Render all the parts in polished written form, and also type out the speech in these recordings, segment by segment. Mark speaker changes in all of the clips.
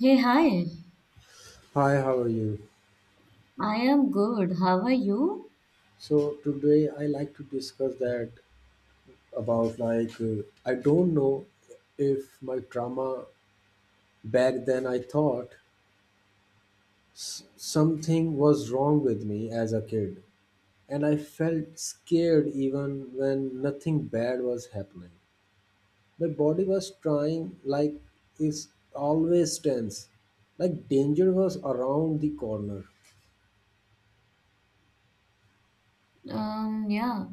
Speaker 1: Hey, hi.
Speaker 2: Hi, how are you?
Speaker 1: I am good. How are you?
Speaker 2: So today I like to discuss that about I don't know if my trauma back then I thought something was wrong with me as a kid and I felt scared even when nothing bad was happening. My body was trying like it's always tense like danger was around the corner.
Speaker 1: Yeah,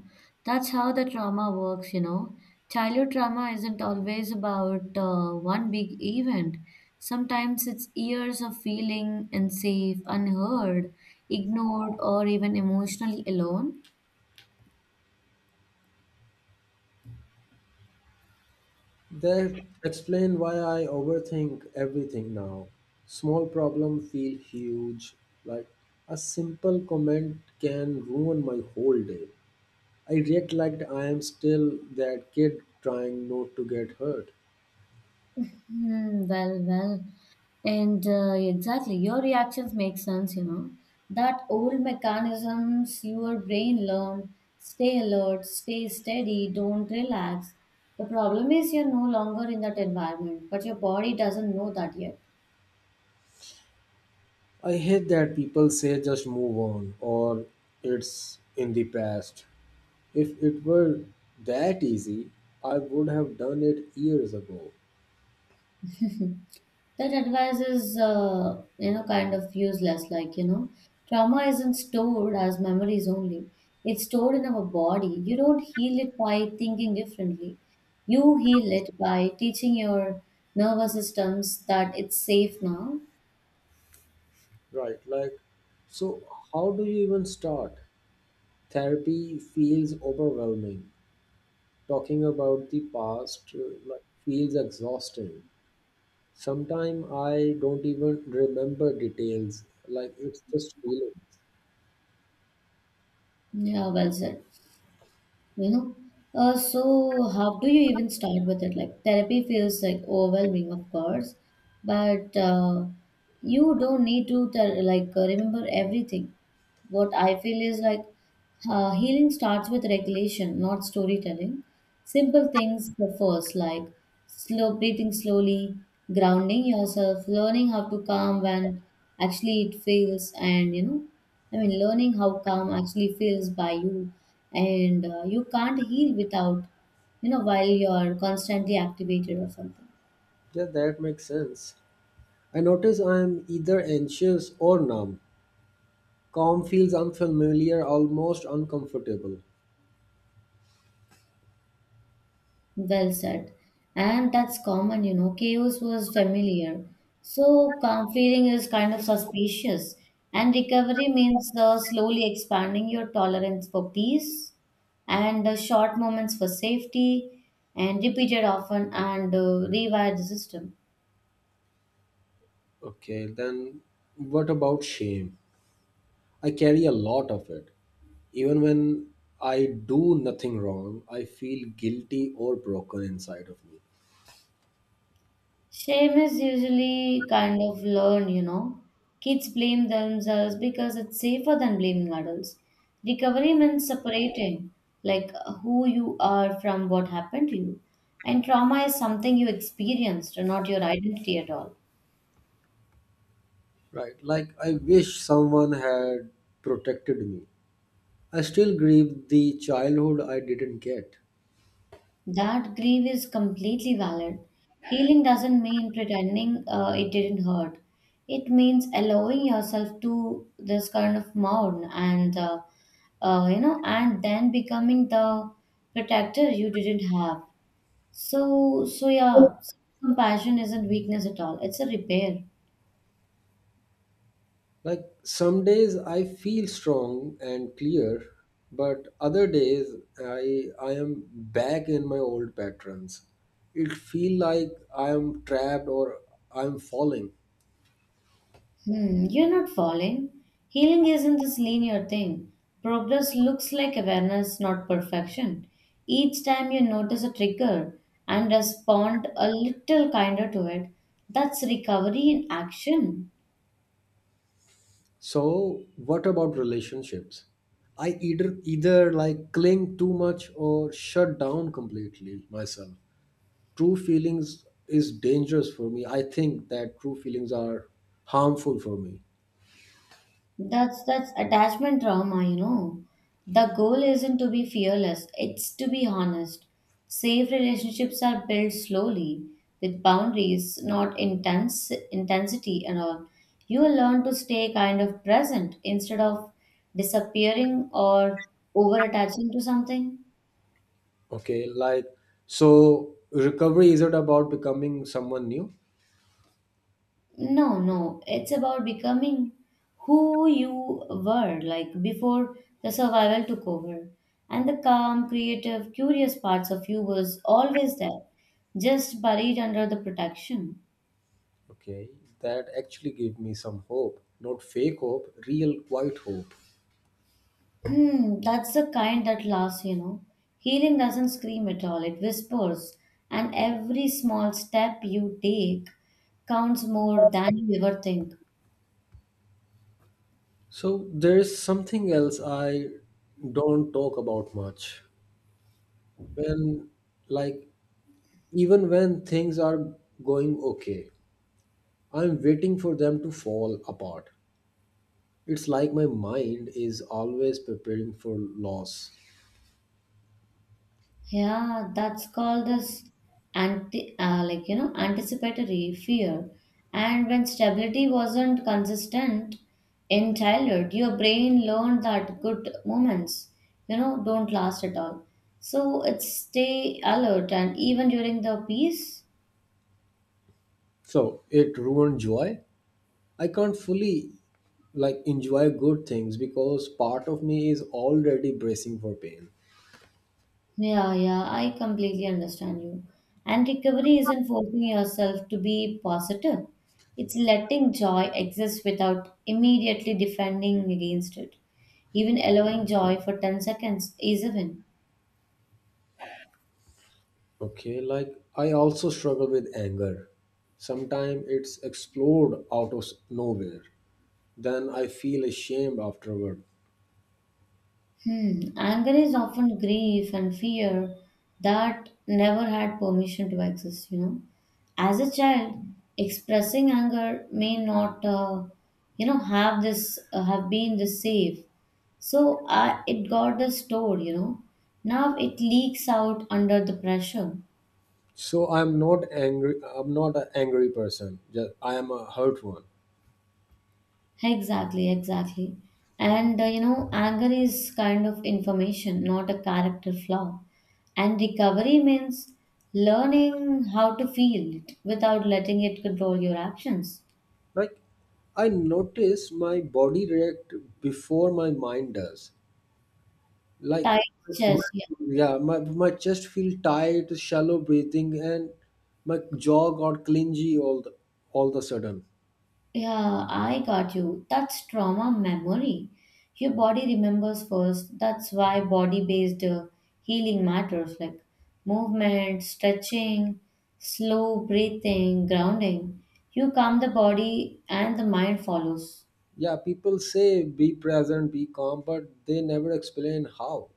Speaker 1: that's how the trauma works. Childhood trauma isn't always about one big event. Sometimes it's years of feeling unsafe, unheard, ignored, or even emotionally alone.
Speaker 2: They explain why I overthink everything now. Small problem feel huge. Like a simple comment can ruin my whole day. I react like I am still that kid trying not to get hurt.
Speaker 1: Well, and exactly, your reactions make sense. That old mechanisms your brain learned, stay alert, stay steady, don't relax. The problem is you're no longer in that environment, but your body doesn't know that yet.
Speaker 2: I hate that people say just move on or it's in the past. If it were that easy, I would have done it years ago.
Speaker 1: That advice is kind of useless. Like, trauma isn't stored as memories only. It's stored in our body. You don't heal it by thinking differently. You heal it by teaching your nervous systems that it's safe now.
Speaker 2: Right, like, so how do you even start? Therapy feels overwhelming. Talking about the past like, feels exhausting. Sometimes I don't even remember details, like it's just feelings.
Speaker 1: Yeah, well said. you know so how do you even start with it? Like, therapy feels like overwhelming of course, but you don't need to tell, like, remember everything. What I feel is like, healing starts with regulation, not storytelling. Simple things, but first, like slow breathing slowly, grounding yourself, learning how to calm when actually it feels, I mean, learning how calm actually feels by you, and you can't heal without while you're constantly activated or something.
Speaker 2: Yeah, that makes sense. I notice I'm either anxious or numb. Calm feels unfamiliar, almost uncomfortable.
Speaker 1: Well said. And that's common. Chaos was familiar. So calm feeling is kind of suspicious. And recovery means slowly expanding your tolerance for peace, and short moments for safety and repeated often, and rewire the system.
Speaker 2: Okay, then what about shame? I carry a lot of it. Even when I do nothing wrong, I feel guilty or broken inside of me.
Speaker 1: Shame is usually kind of learned. Kids blame themselves because it's safer than blaming adults. Recovery means separating, like who you are from what happened to you. And trauma is something you experienced, not your identity at all.
Speaker 2: Right. Like, I wish someone had protected me. I still grieve the childhood I didn't get.
Speaker 1: That grief is completely valid. Healing doesn't mean pretending it didn't hurt. It means allowing yourself to this kind of mourn, and then becoming the protector you didn't have. So, yeah, compassion isn't weakness at all. It's a repair.
Speaker 2: Like, some days I feel strong and clear, but other days I am back in my old patterns. It feel like I am trapped or I am falling.
Speaker 1: You're not falling. Healing isn't this linear thing. Progress looks like awareness, not perfection. Each time you notice a trigger and respond a little kinder to it, that's recovery in action.
Speaker 2: So, what about relationships? I either like cling too much or shut down completely myself. True feelings is dangerous for me. I think that true feelings are harmful for me.
Speaker 1: That's attachment trauma. The goal isn't to be fearless, it's to be honest. Safe relationships are built slowly with boundaries, not intense intensity and all. You will learn to stay kind of present instead of disappearing or over attaching to something.
Speaker 2: Okay, like, so recovery isn't about becoming someone new.
Speaker 1: No, no, it's about becoming who you were like before the survival took over. And the calm, creative, curious parts of you was always there, just buried under the protection.
Speaker 2: Okay, that actually gave me some hope, not fake hope, real quiet hope.
Speaker 1: That's the kind that lasts. Healing doesn't scream at all, it whispers, and every small step you take counts more than you ever think.
Speaker 2: So there's something else I don't talk about much, when, like, even when things are going okay, I'm waiting for them to fall apart. It's like my mind is always preparing for loss.
Speaker 1: Yeah, that's called as anticipatory fear. And when stability wasn't consistent in childhood, your brain learned that good moments, don't last at all. So it stay alert, and even during the peace.
Speaker 2: So it ruined joy. I can't fully like enjoy good things because part of me is already bracing for pain.
Speaker 1: Yeah, yeah, I completely understand you. And recovery isn't forcing yourself to be positive, it's letting joy exist without immediately defending against it. Even allowing joy for 10 seconds is a win.
Speaker 2: Okay, like I also struggle with anger. Sometimes it's explode out of nowhere. Then I feel ashamed afterward.
Speaker 1: Anger is often grief and fear that never had permission to exist. As a child, expressing anger may not have been this safe. So it got the store. Now it leaks out under the pressure.
Speaker 2: So I'm not angry. I'm not an angry person. Just I am a hurt one.
Speaker 1: Exactly, exactly. And anger is kind of information, not a character flaw. And recovery means learning how to feel it without letting it control your actions.
Speaker 2: Like, I notice my body react before my mind does, like,
Speaker 1: Tight chest, yeah.
Speaker 2: yeah, my chest feel tight, shallow breathing, and my jaw got clingy all the, all the sudden.
Speaker 1: Yeah, I got you. That's trauma memory. Your body remembers first. That's why body-based healing matters, like movement, stretching, slow breathing, grounding. You calm the body and the mind follows.
Speaker 2: Yeah, people say be present, be calm, but they never explain how.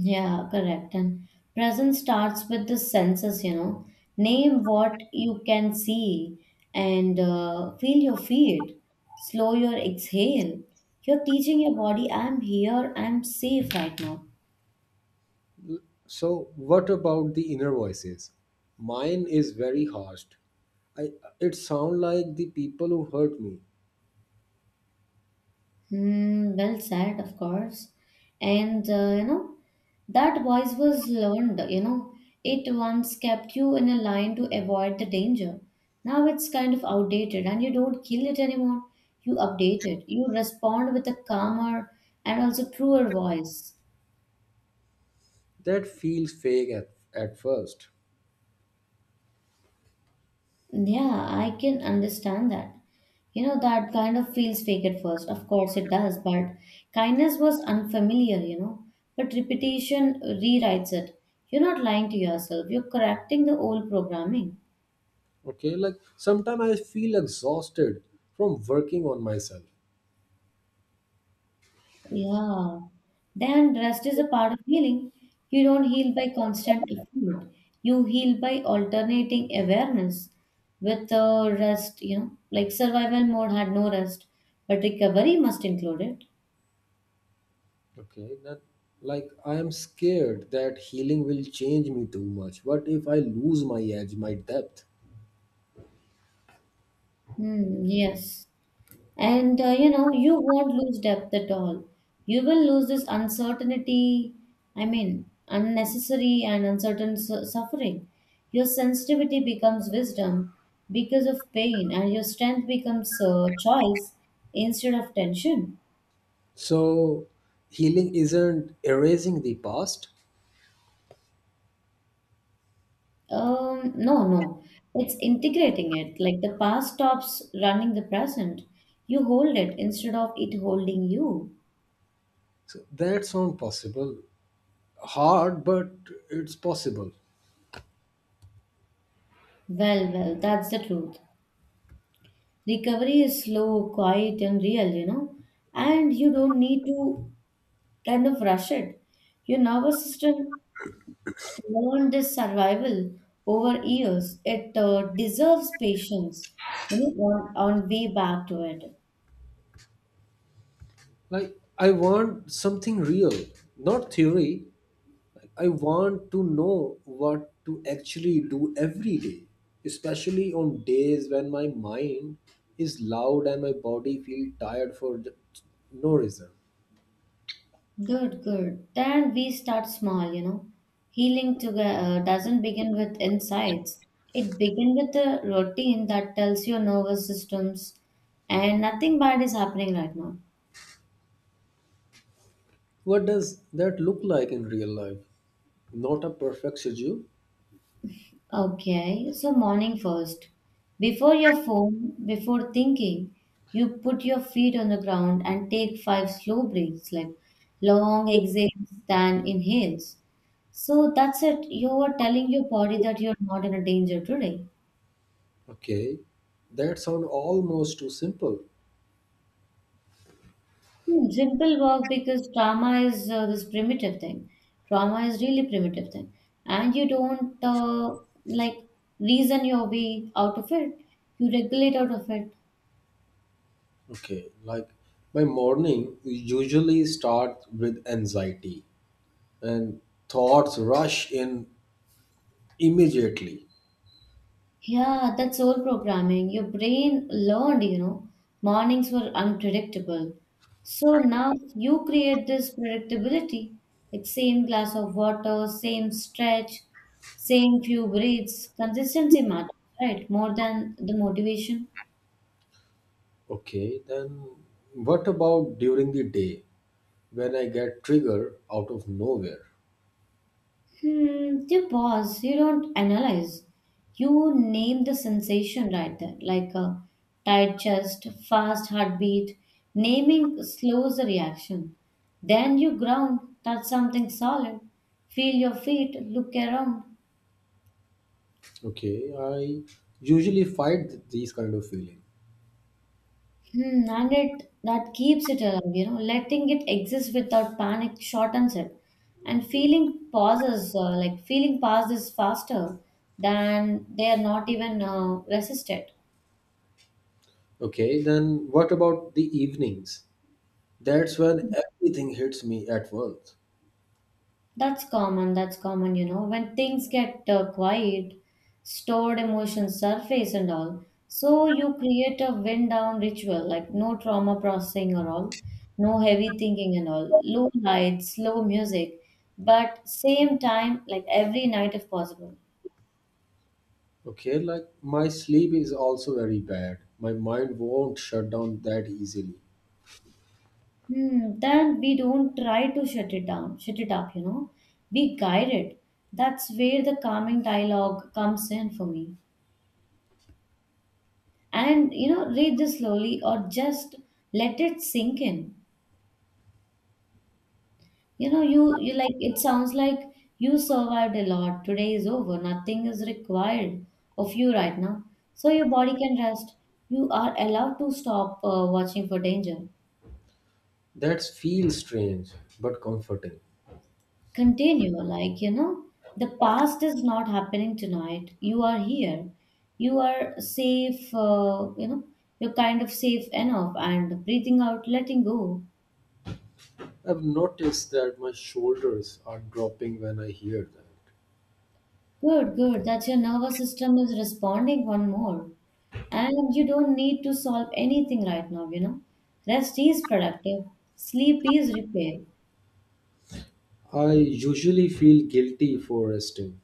Speaker 1: Yeah, correct. And present starts with the senses. Name what you can see and feel your feet. Slow your exhale. You're teaching your body, I'm here, I'm safe right now.
Speaker 2: So what about the inner voices? Mine is very harsh. I, it sound like the people who hurt me.
Speaker 1: Well said, of course. And that voice was learned, it once kept you in a line to avoid the danger. Now it's kind of outdated and you don't kill it anymore. You update it. You respond with a calmer and also truer voice.
Speaker 2: That feels fake at first.
Speaker 1: Yeah, I can understand that. That kind of feels fake at first. Of course, it does, but kindness was unfamiliar. But repetition rewrites it. You're not lying to yourself, you're correcting the old programming.
Speaker 2: Okay, like sometimes I feel exhausted from working on myself.
Speaker 1: Yeah. Then rest is a part of healing. You don't heal by constant effort. You heal by alternating awareness with rest, like survival mode had no rest, but recovery must include it.
Speaker 2: Okay, that, like, I am scared that healing will change me too much. What if I lose my edge, my depth?
Speaker 1: Hmm, yes. And you won't lose depth at all. You will lose this uncertainty, I mean, unnecessary and uncertain suffering. Your sensitivity becomes wisdom because of pain, and your strength becomes choice instead of tension.
Speaker 2: So healing isn't erasing the past.
Speaker 1: No, no, it's integrating it. Like the past stops running the present. You hold it instead of it holding you.
Speaker 2: So that's not possible. Hard, but it's possible.
Speaker 1: Well, that's the truth. Recovery is slow, quiet, and real, and you don't need to kind of rush it. Your nervous system learned this survival over years. It deserves patience, on way back to it.
Speaker 2: Like I want something real, not theory. I want to know what to actually do every day, especially on days when my mind is loud and my body feels tired for no reason.
Speaker 1: Good, good. Then we start small. Healing doesn't begin with insights. It begins with a routine that tells your nervous systems, and nothing bad is happening right now.
Speaker 2: What does that look like in real life? Not a perfect schedule.
Speaker 1: Okay, so morning first. Before your phone, before thinking, you put your feet on the ground and take five slow breaths, like long exhales, then inhales. So that's it. You are telling your body that you're not in a danger today.
Speaker 2: Okay. That sounds almost too simple.
Speaker 1: Simple work because trauma is this primitive thing. Trauma is really primitive thing, and you don't like reason your way out of it. You regulate out of it.
Speaker 2: Okay. Like my morning usually starts with anxiety and thoughts rush in immediately.
Speaker 1: Yeah, that's old programming. Your brain learned, mornings were unpredictable. So now you create this predictability, like same glass of water, same stretch, same few breaths. Consistency matters, right? More than the motivation.
Speaker 2: Okay, then what about during the day when I get triggered out of nowhere?
Speaker 1: You pause, you don't analyze. You name the sensation right there, like a tight chest, fast heartbeat. Naming slows the reaction. Then you ground, touch something solid, feel your feet, look around.
Speaker 2: Okay, I usually fight these kind of feeling.
Speaker 1: And it that keeps it alive, letting it exist without panic shortens it. And feeling pauses faster than they are not even resisted.
Speaker 2: Okay, then what about the evenings? That's when everything hits me at once.
Speaker 1: That's common. When things get quiet, stored emotions surface and all. So you create a wind down ritual, like no trauma processing or all, no heavy thinking and all, low lights, slow music, but same time, like every night if possible.
Speaker 2: Okay, like my sleep is also very bad. My mind won't shut down that easily.
Speaker 1: Then we don't try to shut it down, shut it up. We guide it. That's where the calming dialogue comes in for me. And read this slowly, or just let it sink in. You know you you like it sounds like you survived a lot. Today is over. Nothing is required of you right now. So your body can rest. You are allowed to stop watching for danger.
Speaker 2: That feels strange but comforting.
Speaker 1: Continue, the past is not happening tonight. You are here. You are safe, you're kind of safe enough, and breathing out, letting go.
Speaker 2: I've noticed that my shoulders are dropping when I hear that.
Speaker 1: Good, good. That your nervous system is responding one more. And you don't need to solve anything right now. Rest is productive, sleep is repair.
Speaker 2: I usually feel guilty for resting.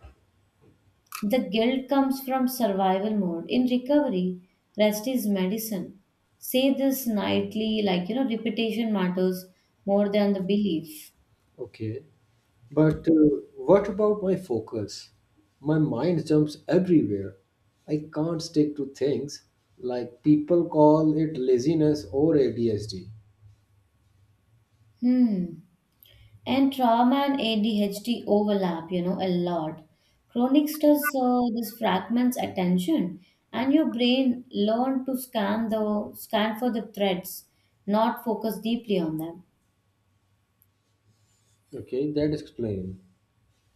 Speaker 1: The guilt comes from survival mode. In recovery, rest is medicine. Say this nightly, like, repetition matters more than the belief.
Speaker 2: Okay. But what about my focus? My mind jumps everywhere. I can't stick to things. Like people call it laziness or ADHD.
Speaker 1: Hmm. And trauma and ADHD overlap, a lot. Chronic stress, this fragments attention, and your brain learn to scan for the threats, not focus deeply on them.
Speaker 2: Okay, that explains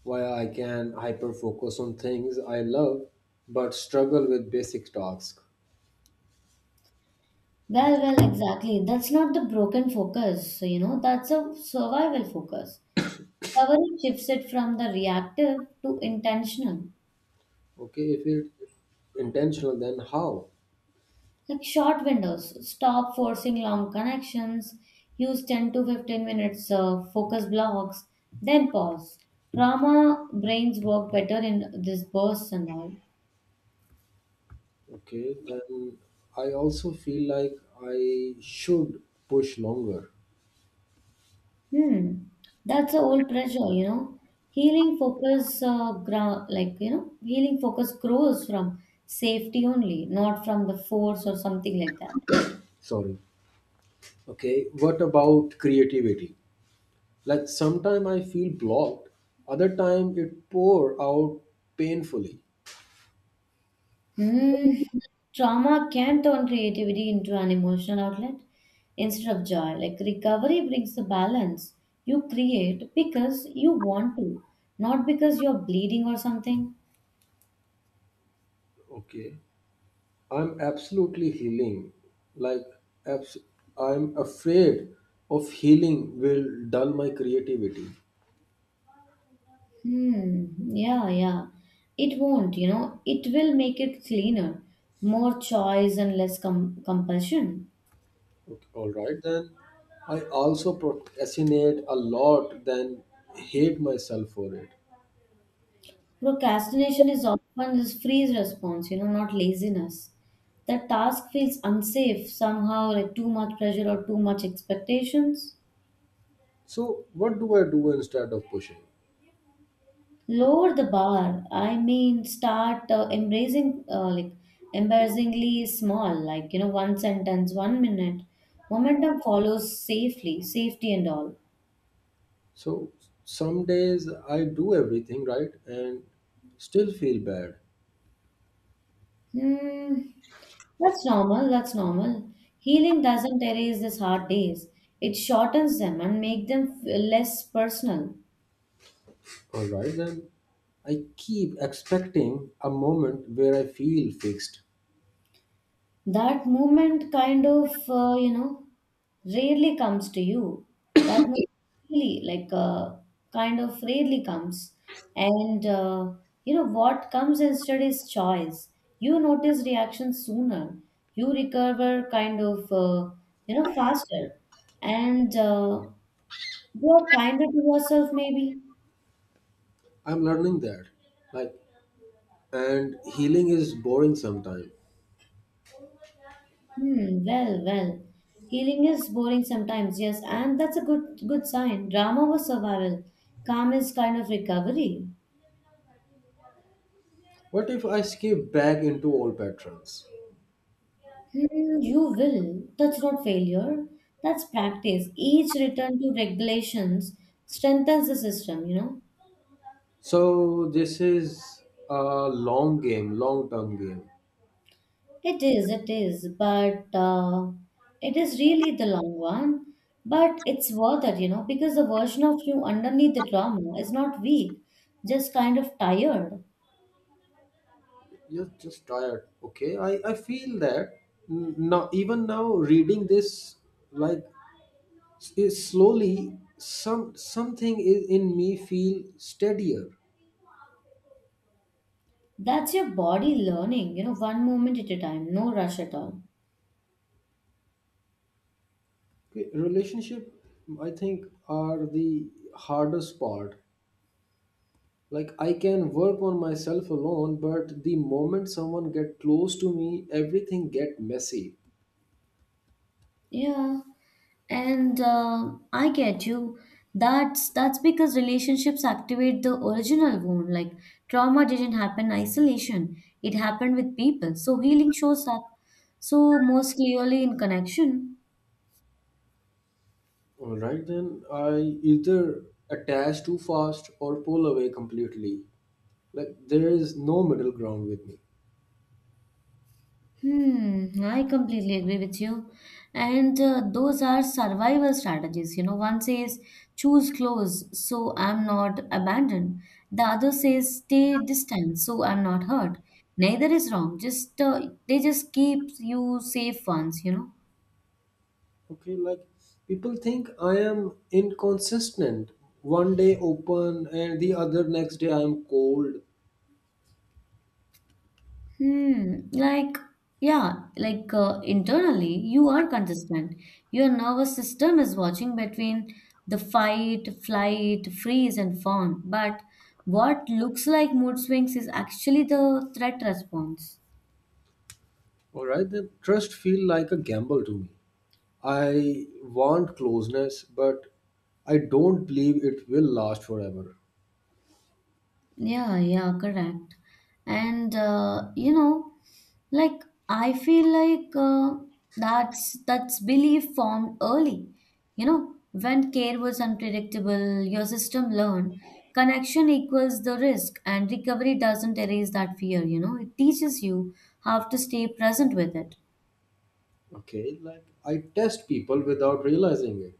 Speaker 2: why I can hyper focus on things I love but struggle with basic tasks.
Speaker 1: Well, exactly. That's not the broken focus, that's a survival focus. Recovery shifts it from the reactive to intentional.
Speaker 2: Okay, if it's intentional, then how?
Speaker 1: Like short windows, stop forcing long connections, use 10 to 15 minutes focus blocks, then pause. Trauma brains work better in this bursts and all.
Speaker 2: Okay, then I also feel like I should push longer.
Speaker 1: Hmm, that's a old pressure. Healing focus, gra- like you know, healing focus grows from safety only, not from the force or something like that.
Speaker 2: Sorry. Okay, what about creativity? Like sometime I feel blocked, other time it pour out painfully.
Speaker 1: Mm, Trauma can turn creativity into an emotional outlet instead of joy. Like recovery brings the balance. You create because you want to, not because you're bleeding or something.
Speaker 2: Okay, I'm absolutely healing. Like abs- I'm afraid of healing will dull my creativity.
Speaker 1: Hmm, yeah, yeah. It won't, it will make it cleaner, more choice and less compulsion.
Speaker 2: Okay, all right, then I also procrastinate a lot, then hate myself for it.
Speaker 1: Procrastination is often this freeze response, not laziness. The task feels unsafe somehow, like too much pressure or too much expectations.
Speaker 2: So what do I do instead of pushing?
Speaker 1: Lower the bar. I mean, start embracing, embarrassingly small, one sentence, 1 minute. Momentum follows safely, safety and all.
Speaker 2: So some days I do everything right and still feel bad.
Speaker 1: Mm, that's normal. That's normal. Healing doesn't erase these hard days. It shortens them and make them less personal.
Speaker 2: All right, then I keep expecting a moment where I feel fixed.
Speaker 1: That moment rarely comes to you. That moment really, like, uh, kind of rarely comes. And, uh, what comes instead is choice. You notice reactions sooner. You recover faster. And, uh, You're kinder to yourself, maybe.
Speaker 2: I'm learning that. Like and healing is boring sometimes.
Speaker 1: Hmm. Well. Healing is boring sometimes, yes, and that's a good sign. Drama was survival. Calm is kind of recovery.
Speaker 2: What if I skip back into old patterns?
Speaker 1: Hmm. You will. That's not failure. That's practice. Each return to regulations strengthens the system. You know.
Speaker 2: So this is a long game, long term game.
Speaker 1: It is, but it is really the long one. But it's worth it, you know, because the version of you underneath the trauma is not weak, just kind of tired.
Speaker 2: You're just tired. Okay, I feel that. Now even now reading this, like, is slowly some, something is in me feel steadier.
Speaker 1: That's your body learning, you know, one moment at a time, no rush at all.
Speaker 2: Okay, relationship, I think, are the hardest part. Like I can work on myself alone, but the moment someone get close to me everything get messy.
Speaker 1: Yeah. And I get you. That's because relationships activate the original wound. Like trauma didn't happen in isolation. It happened with people. So healing shows up so most clearly in connection.
Speaker 2: All right, then I either attach too fast or pull away completely. Like there is no middle ground with me.
Speaker 1: Hmm, I completely agree with you. And Those are survival strategies. You know, one says choose close so I'm not abandoned. The other says stay distant so I'm not hurt. Neither is wrong. Just They just keep you safe ones, you know.
Speaker 2: Okay, like people think I am inconsistent, one day open and the other next day I am cold.
Speaker 1: Hmm, like, Internally, you are consistent. Your nervous system is watching between the fight, flight, freeze, and fawn. But what looks like mood swings is actually the threat response.
Speaker 2: All right, then trust feel like a gamble to me. I want closeness, but I don't believe it will last forever.
Speaker 1: Yeah, yeah, correct. And you know, like I feel like that's belief formed early, you know, when care was unpredictable your system learned connection equals the risk, and recovery doesn't erase that fear, you know, it teaches you how to stay present with it.
Speaker 2: Okay, like I test people without realizing it.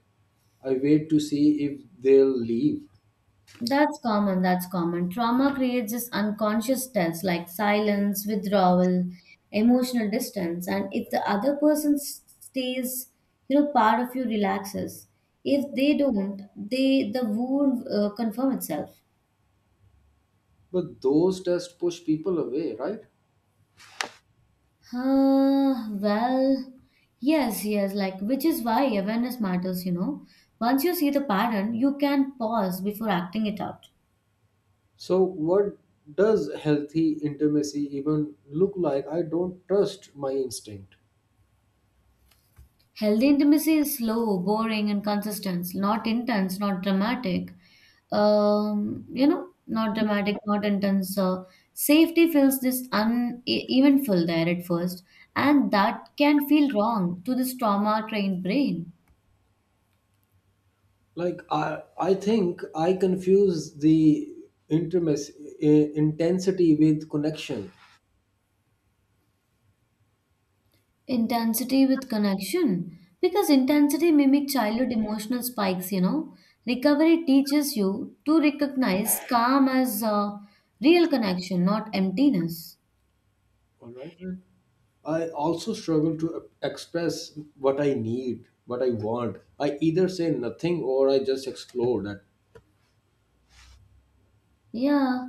Speaker 2: I wait to see if they'll leave.
Speaker 1: That's common, that's common. Trauma creates this unconscious stress like silence, withdrawal, emotional distance. And if the other person stays, you know, part of you relaxes. If they don't, the wound confirm itself.
Speaker 2: But those tests push people away, right?
Speaker 1: Uh, well, yes, yes, like which is why awareness matters, you know. Once you see the pattern, you can pause before acting it out.
Speaker 2: So, what does healthy intimacy even look like? I don't trust my instinct.
Speaker 1: Healthy intimacy is slow, boring, and consistent, not intense, not dramatic. Not dramatic, not intense. Safety feels this evenful there at first, and that can feel wrong to this trauma-trained brain.
Speaker 2: Like, I think I confuse the intimacy intensity with connection.
Speaker 1: Intensity with connection, because intensity mimic childhood emotional spikes. You know, recovery teaches you to recognize calm as real connection, not emptiness.
Speaker 2: All right, then. I also struggle to express what I need, what I want. I either say nothing or I just explore that.
Speaker 1: Yeah,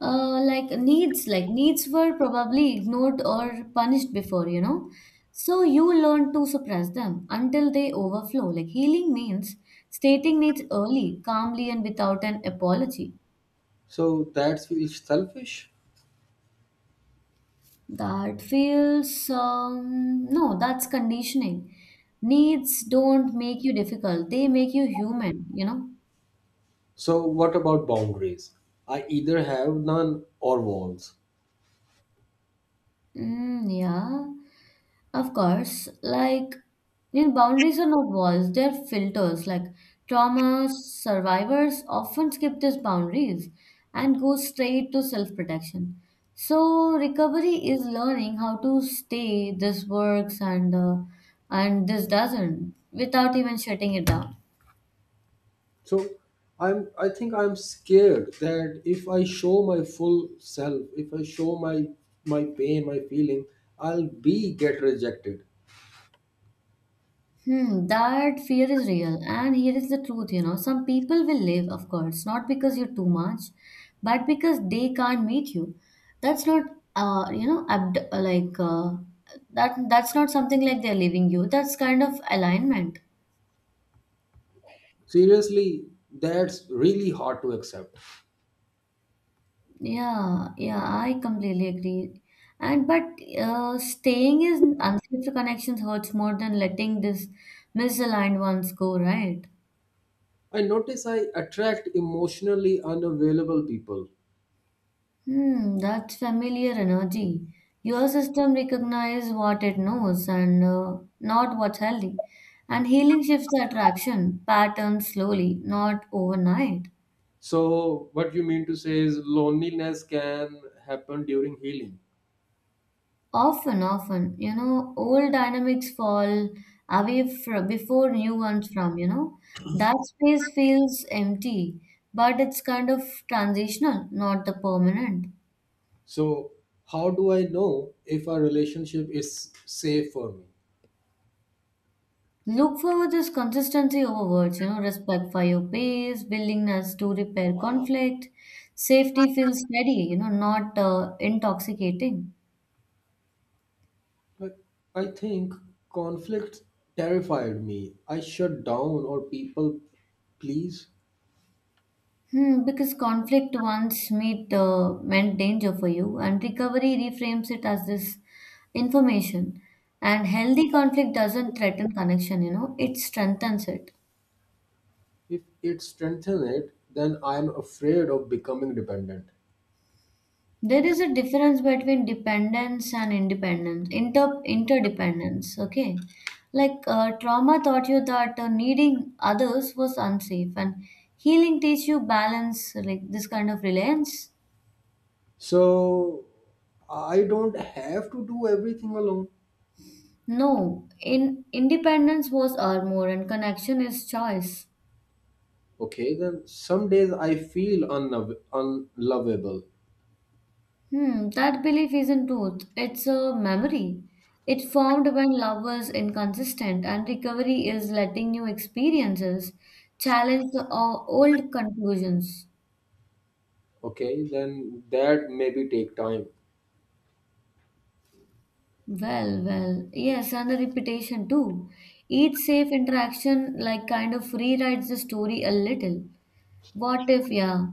Speaker 1: like needs were probably ignored or punished before, you know. So you learn to suppress them until they overflow. Like healing means stating needs early, calmly, and without an apology.
Speaker 2: So that feels selfish.
Speaker 1: That feels, no, that's conditioning. Needs don't make you difficult, they make you human, you know.
Speaker 2: So what about boundaries? I either have none or walls.
Speaker 1: Mm, yeah, of course. Boundaries are not walls, they're filters. Like, trauma survivors often skip these boundaries and go straight to self protection. So, recovery is learning how to stay, this works and this doesn't, without even shutting it down.
Speaker 2: So I think I'm scared that if I show my full self, if I show my my pain, my feeling, I'll be get rejected.
Speaker 1: Hmm, that fear is real. And here is the truth, you know, some people will live, of course, not because you're too much, but because they can't meet you. That's not, you know, abd- like that. That's not something like they're leaving you. That's kind of alignment.
Speaker 2: Seriously, that's really hard to accept.
Speaker 1: Yeah, yeah, I completely agree. And but staying in unsafe connections hurts more than letting this misaligned ones go, right?
Speaker 2: I notice I attract emotionally unavailable people.
Speaker 1: Hmm, that familiar energy. Your system recognizes what it knows, and not what's healthy. And healing shifts the attraction pattern slowly, not overnight.
Speaker 2: So what you mean to say is loneliness can happen during healing?
Speaker 1: Often, often, you know, old dynamics fall away fr before new ones from, you know. That space feels empty, but it's kind of transitional, not the permanent.
Speaker 2: So how do I know if a relationship is safe for me?
Speaker 1: Look for this consistency over words, you know, respect for your pace, willingness to repair conflict, safety feels steady, you know, not intoxicating.
Speaker 2: Like, I think conflict terrified me. I shut down or people please.
Speaker 1: Hmm, because conflict once meet meant danger for you, and recovery reframes it as this information. And healthy conflict doesn't threaten connection, you know, it strengthens it.
Speaker 2: If it strengthens it, then I'm afraid of becoming dependent.
Speaker 1: There is a difference between dependence and independence, interdependence. Okay, trauma taught you that needing others was unsafe, and healing teach you balance, like this kind of reliance.
Speaker 2: So I don't have to do everything alone.
Speaker 1: No, in independence was armor, and connection is choice.
Speaker 2: Okay, then some days I feel unlovable.
Speaker 1: Hmm, that belief isn't truth, it's a memory. It formed when love was inconsistent, and recovery is letting new experiences challenge the old conclusions.
Speaker 2: Okay, then that maybe take time.
Speaker 1: Well, yes, and the repetition too. Each safe interaction, like, kind of rewrites the story a little. What if, yeah?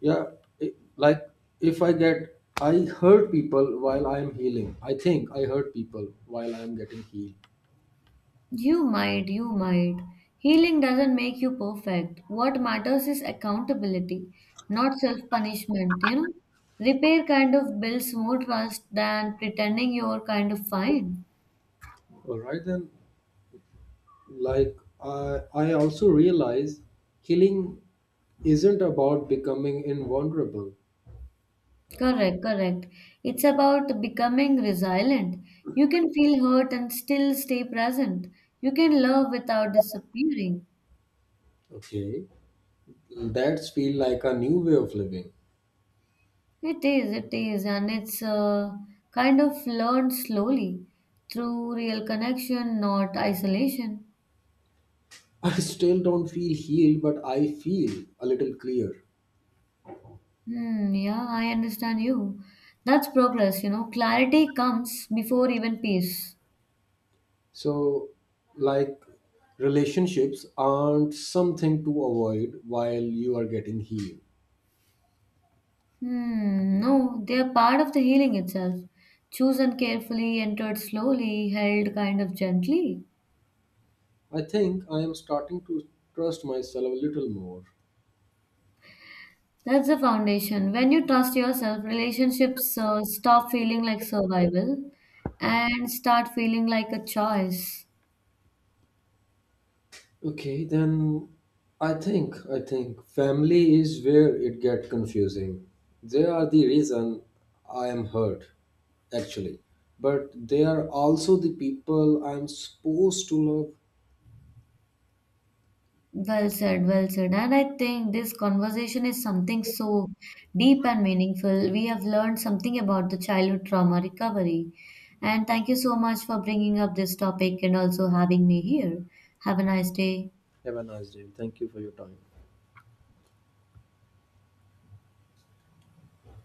Speaker 2: Yeah, it, like if I get, I hurt people while I'm healing. I think I hurt people while I'm getting healed.
Speaker 1: You might. Healing doesn't make you perfect. What matters is accountability, not self punishment, you know. Repair kind of builds more trust than pretending you're kind of fine.
Speaker 2: All right, then, like, I also realize healing isn't about becoming invulnerable.
Speaker 1: Correct. It's about becoming resilient. You can feel hurt and still stay present. You can love without disappearing.
Speaker 2: Okay, that's feel like a new way of living.
Speaker 1: It is, and it's kind of learned slowly through real connection, not isolation.
Speaker 2: I still don't feel healed, but I feel a little clear.
Speaker 1: Hmm, yeah, I understand you. That's progress, you know. Clarity comes before even peace.
Speaker 2: So, like, relationships aren't something to avoid while you are getting healed.
Speaker 1: Hmm, no, they are part of the healing itself. Chosen carefully, entered slowly, held kind of gently.
Speaker 2: I think I am starting to trust myself a little more.
Speaker 1: That's the foundation. When you trust yourself, relationships stop feeling like survival and start feeling like a choice.
Speaker 2: Okay, then I think family is where it get confusing. They are the reason I am hurt, actually. But they are also the people I'm supposed to love.
Speaker 1: Well said. And I think this conversation is something so deep and meaningful. We have learned something about the childhood trauma recovery. And thank you so much for bringing up this topic and also having me here. Have a nice day.
Speaker 2: Have a nice day. Thank you for your time.